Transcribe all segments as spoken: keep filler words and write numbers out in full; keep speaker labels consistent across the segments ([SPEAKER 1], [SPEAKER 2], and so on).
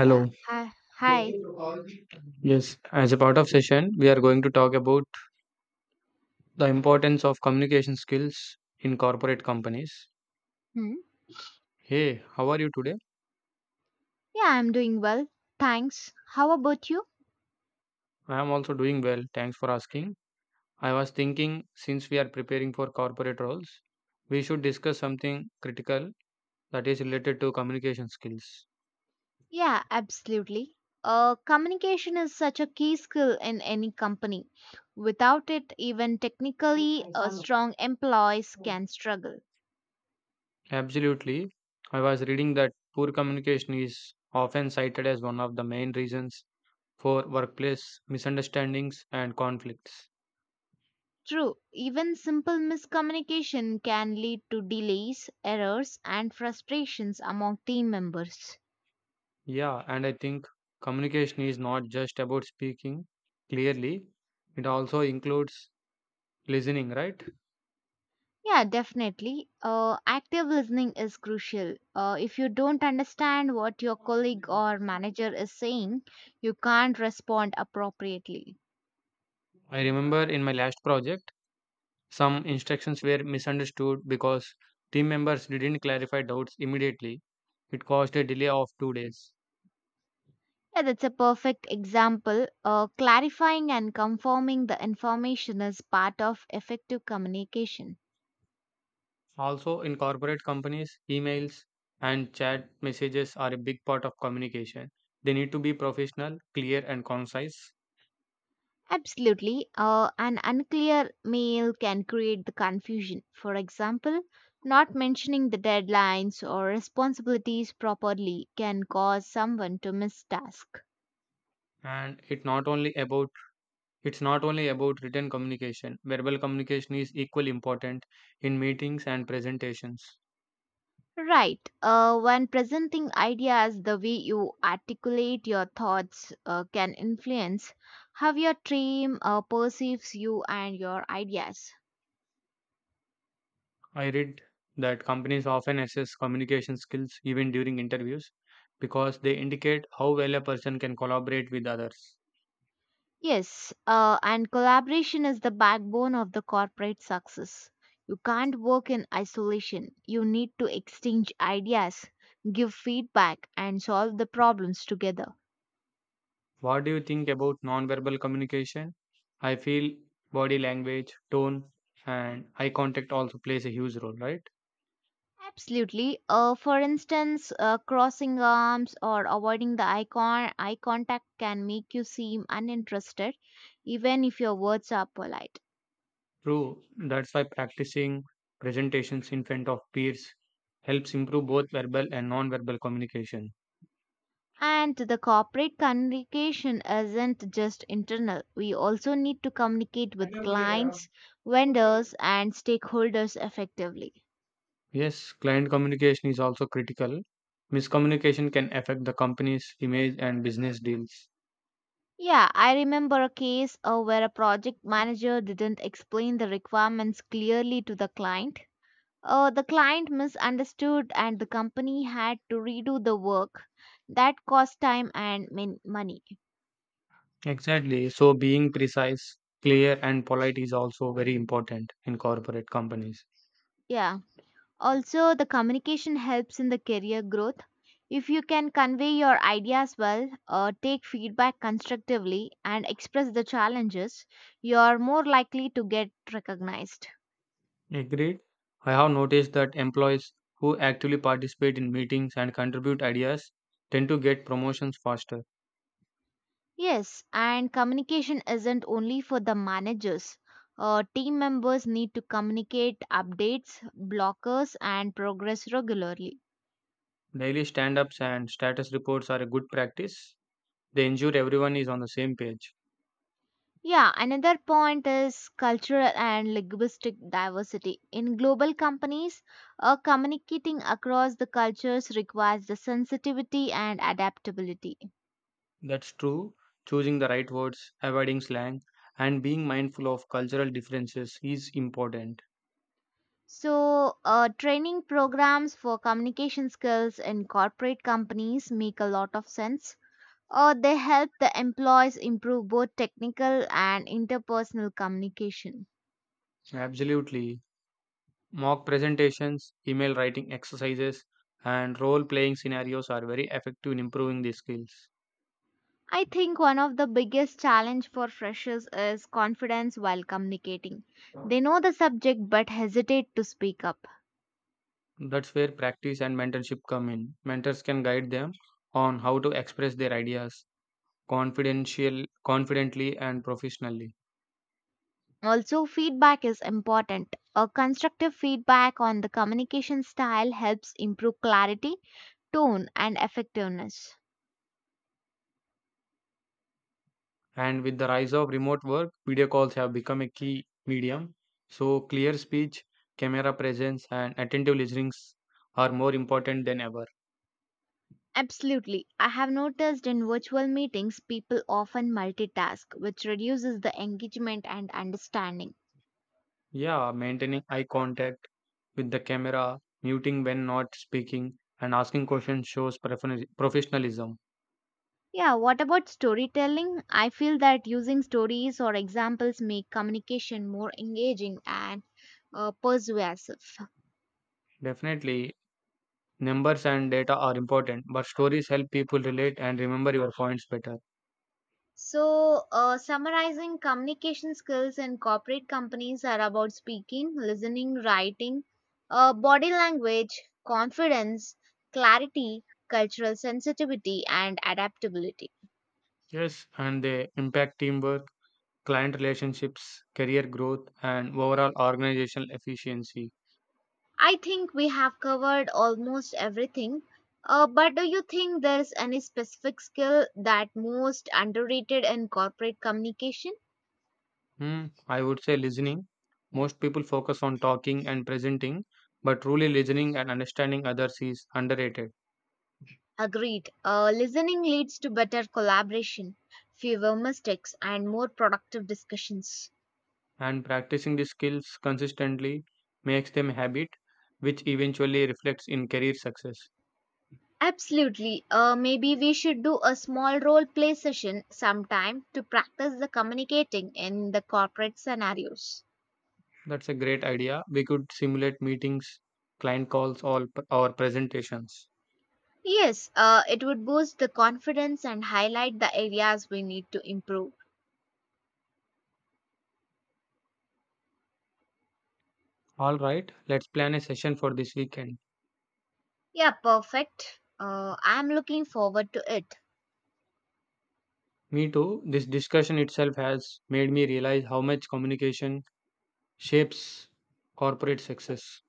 [SPEAKER 1] Yeah. Hi. Hi.
[SPEAKER 2] Yes, as a part of session, we are going to talk about the importance of communication skills in corporate companies.
[SPEAKER 1] Hmm.
[SPEAKER 2] Hey, how are you today?
[SPEAKER 1] Yeah, I'm doing well. Thanks. How about you?
[SPEAKER 2] I am also doing well. Thanks for asking. I was thinking since we are preparing for corporate roles, we should discuss something critical that is related to communication skills.
[SPEAKER 1] Yeah, absolutely. Uh, communication is such a key skill in any company. Without it, even technically, uh, strong employees can struggle.
[SPEAKER 2] Absolutely. I was reading that poor communication is often cited as one of the main reasons for workplace misunderstandings and conflicts.
[SPEAKER 1] True, even simple miscommunication can lead to delays, errors, and frustrations among team members.
[SPEAKER 2] Yeah, and I think communication is not just about speaking clearly, it also includes listening, right?
[SPEAKER 1] Yeah, definitely. Uh, active listening is crucial. Uh, if you don't understand what your colleague or manager is saying, you can't respond appropriately.
[SPEAKER 2] I remember in my last project, some instructions were misunderstood because team members didn't clarify doubts immediately. It caused a delay of two days.
[SPEAKER 1] Yeah, that's a perfect example. Uh, clarifying and confirming the information is part of effective communication.
[SPEAKER 2] Also, in corporate companies, emails and chat messages are a big part of communication. They need to be professional, clear, and concise.
[SPEAKER 1] Absolutely. Uh, an unclear mail can create the confusion. For example, not mentioning the deadlines or responsibilities properly can cause someone to miss task.
[SPEAKER 2] And it's not only about It's not only about written communication. Verbal communication is equally important in meetings and presentations.
[SPEAKER 1] Right. Uh, when presenting ideas, the way you articulate your thoughts uh, can influence how your team uh, perceives you and your ideas.
[SPEAKER 2] I read that companies often assess communication skills even during interviews because they indicate how well a person can collaborate with others.
[SPEAKER 1] Yes, uh, and collaboration is the backbone of the corporate success. You can't work in isolation. You need to exchange ideas, give feedback, and solve the problems together.
[SPEAKER 2] What do you think about nonverbal communication? I feel body language, tone, and eye contact also plays a huge role, right?
[SPEAKER 1] Absolutely. Uh, for instance, uh, crossing arms or avoiding the eye, con- eye contact can make you seem uninterested, even if your words are polite.
[SPEAKER 2] True, that's why practicing presentations in front of peers helps improve both verbal and non-verbal communication.
[SPEAKER 1] And the corporate communication isn't just internal. We also need to communicate with clients, vendors, and stakeholders effectively.
[SPEAKER 2] Yes, client communication is also critical. Miscommunication can affect the company's image and business deals.
[SPEAKER 1] Yeah, I remember a case uh, where a project manager didn't explain the requirements clearly to the client. Uh, the client misunderstood and the company had to redo the work. That cost time and min- money.
[SPEAKER 2] Exactly. So being precise, clear, and polite is also very important in corporate companies.
[SPEAKER 1] Yeah. Also, the communication helps in the career growth. If you can convey your ideas well, uh, take feedback constructively, and express the challenges, you are more likely to get recognized.
[SPEAKER 2] Agreed. I have noticed that employees who actively participate in meetings and contribute ideas tend to get promotions faster.
[SPEAKER 1] Yes, and communication isn't only for the managers. Uh, team members need to communicate updates, blockers, and progress regularly.
[SPEAKER 2] Daily stand ups and status reports are a good practice. They ensure everyone is on the same page.
[SPEAKER 1] Yeah, another point is cultural and linguistic diversity. In global companies, uh, communicating across the cultures requires the sensitivity and adaptability.
[SPEAKER 2] That's true. Choosing the right words, avoiding slang, and being mindful of cultural differences is important.
[SPEAKER 1] So, uh, training programs for communication skills in corporate companies make a lot of sense or they help the employees improve both technical and interpersonal communication.
[SPEAKER 2] Absolutely. Mock presentations, email writing exercises, and role playing scenarios are very effective in improving these skills.
[SPEAKER 1] I think one of the biggest challenge for freshers is confidence while communicating. They know the subject but hesitate to speak up.
[SPEAKER 2] That's where practice and mentorship come in. Mentors can guide them on how to express their ideas confidential confidently and professionally.
[SPEAKER 1] Also feedback is important. A constructive feedback on the communication style helps improve clarity, tone and effectiveness.
[SPEAKER 2] And with the rise of remote work, video calls have become a key medium. So, clear speech, camera presence, and attentive listenings are more important than ever.
[SPEAKER 1] Absolutely. I have noticed in virtual meetings people often multitask, which reduces the engagement and understanding.
[SPEAKER 2] Yeah, maintaining eye contact with the camera, muting when not speaking, and asking questions shows professional- professionalism.
[SPEAKER 1] Yeah, what about storytelling? I feel that using stories or examples make communication more engaging and uh, persuasive.
[SPEAKER 2] Definitely, numbers and data are important, but stories help people relate and remember your points better.
[SPEAKER 1] So, uh, summarizing communication skills in corporate companies are about speaking, listening, writing, uh, body language, confidence, clarity, cultural sensitivity, and adaptability.
[SPEAKER 2] Yes, and they impact teamwork, client relationships, career growth, and overall organizational efficiency.
[SPEAKER 1] I think we have covered almost everything. Uh, but do you think there is any specific skill that most underrated in corporate communication?
[SPEAKER 2] Hmm, I would say listening. Most people focus on talking and presenting, but truly listening and understanding others is underrated.
[SPEAKER 1] Agreed. Uh, listening leads to better collaboration, fewer mistakes, and more productive discussions.
[SPEAKER 2] And practicing these skills consistently makes them a habit, which eventually reflects in career success.
[SPEAKER 1] Absolutely. Uh, maybe we should do a small role play session sometime to practice the communicating in the corporate scenarios.
[SPEAKER 2] That's a great idea. We could simulate meetings, client calls, or, or presentations.
[SPEAKER 1] Yes, uh, it would boost the confidence and highlight the areas we need to improve.
[SPEAKER 2] All right, let's plan a session for this weekend.
[SPEAKER 1] Yeah, perfect. Uh, I'm looking forward to it.
[SPEAKER 2] Me too. This discussion itself has made me realize how much communication shapes corporate success.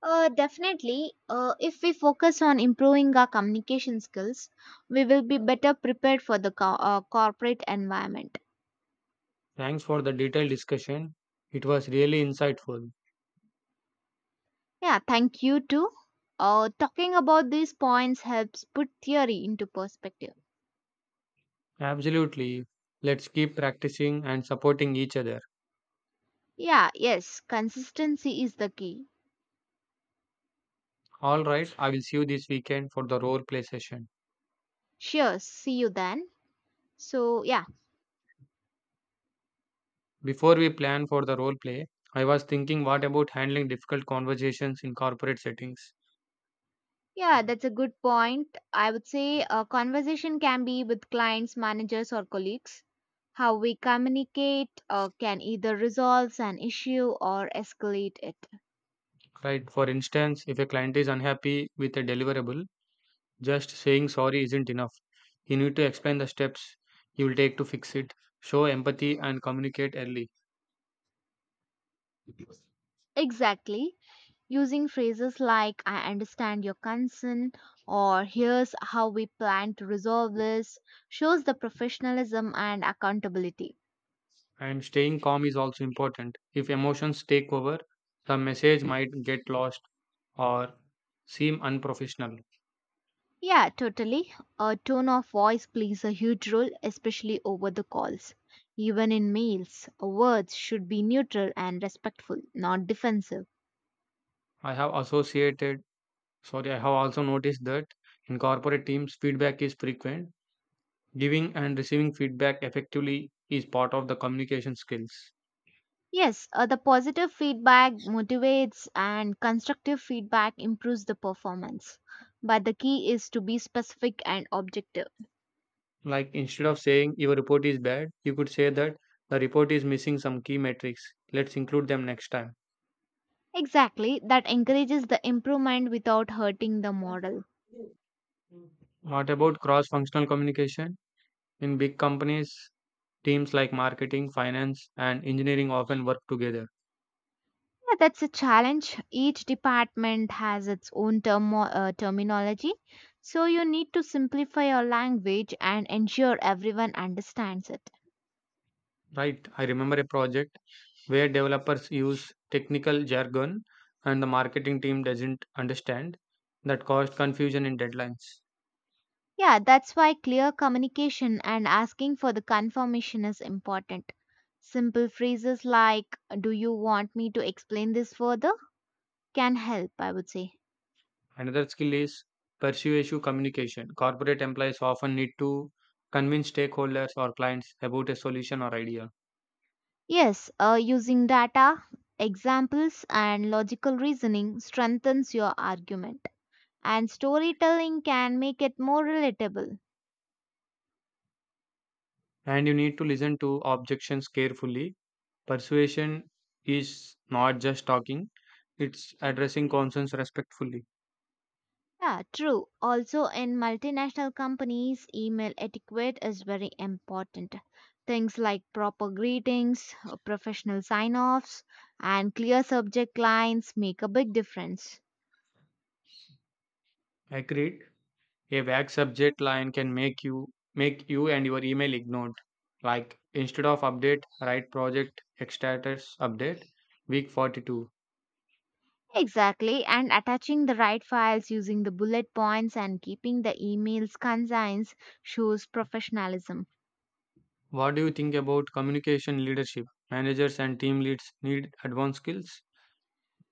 [SPEAKER 1] Uh, definitely. Uh, if we focus on improving our communication skills, we will be better prepared for the co- uh, corporate environment.
[SPEAKER 2] Thanks for the detailed discussion. It was really insightful.
[SPEAKER 1] Yeah, thank you too. Uh, talking about these points helps put theory into perspective.
[SPEAKER 2] Absolutely. Let's keep practicing and supporting each other.
[SPEAKER 1] Yeah, yes, consistency is the key.
[SPEAKER 2] All right, I will see you this weekend for the role play session.
[SPEAKER 1] Sure, see you then. So, yeah.
[SPEAKER 2] Before we plan for the role play, I was thinking what about handling difficult conversations in corporate settings?
[SPEAKER 1] Yeah, that's a good point. I would say a conversation can be with clients, managers, or colleagues. How we communicate uh, can either resolve an issue or escalate it.
[SPEAKER 2] Right, for instance, if a client is unhappy with a deliverable, just saying sorry isn't enough. You need to explain the steps you will take to fix it, show empathy, and communicate early.
[SPEAKER 1] Exactly. Using phrases like, I understand your concern, or here's how we plan to resolve this, shows the professionalism and accountability.
[SPEAKER 2] And staying calm is also important. If emotions take over, the message might get lost or seem unprofessional.
[SPEAKER 1] Yeah, totally. A tone of voice plays a huge role, especially over the calls. Even in mails, words should be neutral and respectful, not defensive.
[SPEAKER 2] I have associated, sorry, I have also noticed that in corporate teams, feedback is frequent. Giving and receiving feedback effectively is part of the communication skills.
[SPEAKER 1] Yes, uh, the positive feedback motivates and constructive feedback improves the performance. But the key is to be specific and objective.
[SPEAKER 2] Like instead of saying your report is bad, you could say that the report is missing some key metrics. Let's include them next time.
[SPEAKER 1] Exactly, that encourages the improvement without hurting the model.
[SPEAKER 2] What about cross functional communication? In big companies, teams like marketing, finance, and engineering often work together,
[SPEAKER 1] Yeah, that's a challenge. Each department has its own termo uh, terminology, so you need to simplify your language and ensure everyone understands it.
[SPEAKER 2] right? I remember a project where developers use technical jargon and the marketing team doesn't understand that caused confusion in deadlines.
[SPEAKER 1] Yeah, that's why clear communication and asking for the confirmation is important. Simple phrases like, Do you want me to explain this further? Can help, I would say.
[SPEAKER 2] Another skill is persuasive communication. Corporate employees often need to convince stakeholders or clients about a solution or idea,
[SPEAKER 1] Yes, uh, using data, examples, and logical reasoning strengthens your argument. And storytelling can make it more relatable.
[SPEAKER 2] and you need to listen to objections carefully. Persuasion is not just talking, it's addressing concerns respectfully.
[SPEAKER 1] Yeah, true. Also, in multinational companies, email etiquette is very important. Things like proper greetings, uh, professional sign offs, and clear subject lines make a big difference.
[SPEAKER 2] Agreed. A vague subject line can make you make you and your email ignored. Like instead of update, write project status update week forty-two.
[SPEAKER 1] Exactly, and attaching the right files using the bullet points and keeping the emails concise shows professionalism.
[SPEAKER 2] What do you think about communication leadership? Managers and team leads need advanced skills.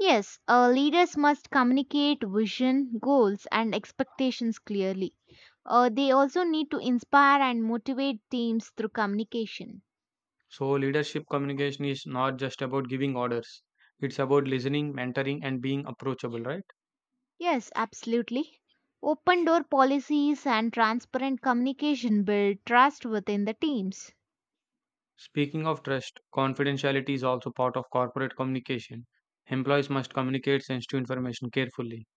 [SPEAKER 1] Yes, uh, leaders must communicate vision, goals, and expectations clearly. Uh, they also need to inspire and motivate teams through communication.
[SPEAKER 2] So, leadership communication is not just about giving orders, it's about listening, mentoring, and being approachable, right?
[SPEAKER 1] Yes, absolutely. Open door policies and transparent communication build trust within the teams.
[SPEAKER 2] Speaking of trust, confidentiality is also part of corporate communication. Employees must communicate sensitive information carefully.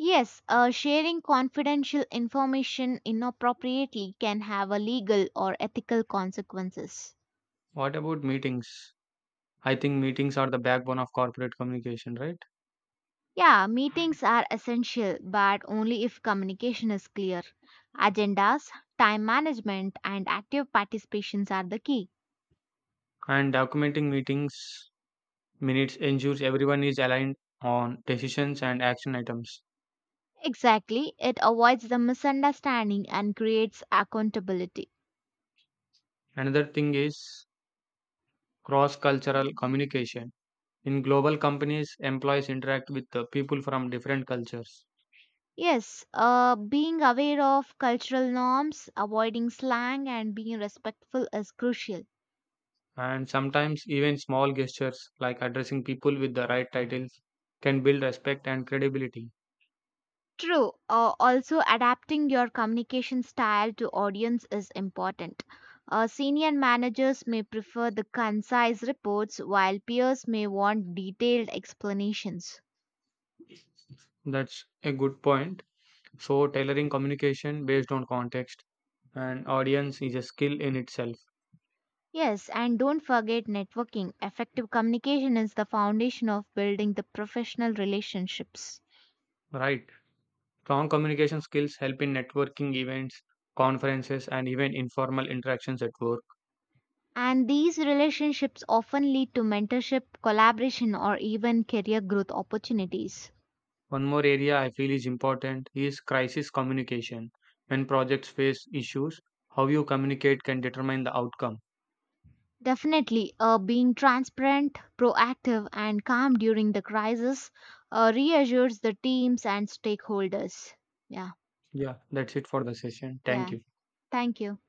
[SPEAKER 1] Yes, uh, sharing confidential information inappropriately can have a legal or ethical consequences.
[SPEAKER 2] What about meetings? I think meetings are the backbone of corporate communication, right?
[SPEAKER 1] Yeah, meetings are essential, but only if communication is clear. Agendas, time management, and active participations are the key.
[SPEAKER 2] And documenting meetings minutes ensures everyone is aligned on decisions and action items.
[SPEAKER 1] Exactly, it avoids the misunderstanding and creates accountability.
[SPEAKER 2] Another thing is cross cultural communication. In global companies, employees interact with the people from different cultures.
[SPEAKER 1] Yes, uh, being aware of cultural norms, avoiding slang, and being respectful is crucial.
[SPEAKER 2] And sometimes, even small gestures like addressing people with the right titles can build respect and credibility.
[SPEAKER 1] True. Uh, also, adapting your communication style to audience is important. Uh, senior managers may prefer the concise reports, while peers may want detailed explanations.
[SPEAKER 2] That's a good point. So, tailoring communication based on context and audience is a skill in itself,
[SPEAKER 1] Yes, and don't forget networking. Effective communication is the foundation of building the professional relationships.
[SPEAKER 2] right? Strong communication skills help in networking events, conferences, and even informal interactions at work.
[SPEAKER 1] And these relationships often lead to mentorship, collaboration, or even career growth opportunities.
[SPEAKER 2] One more area I feel is important is crisis communication. When projects face issues, how you communicate can determine the outcome.
[SPEAKER 1] Definitely, uh, being transparent, proactive, and calm during the crisis uh, reassures the teams and stakeholders. Yeah,
[SPEAKER 2] Yeah, that's it for the session.
[SPEAKER 1] yeah.
[SPEAKER 2] Thank you.
[SPEAKER 1] Thank you.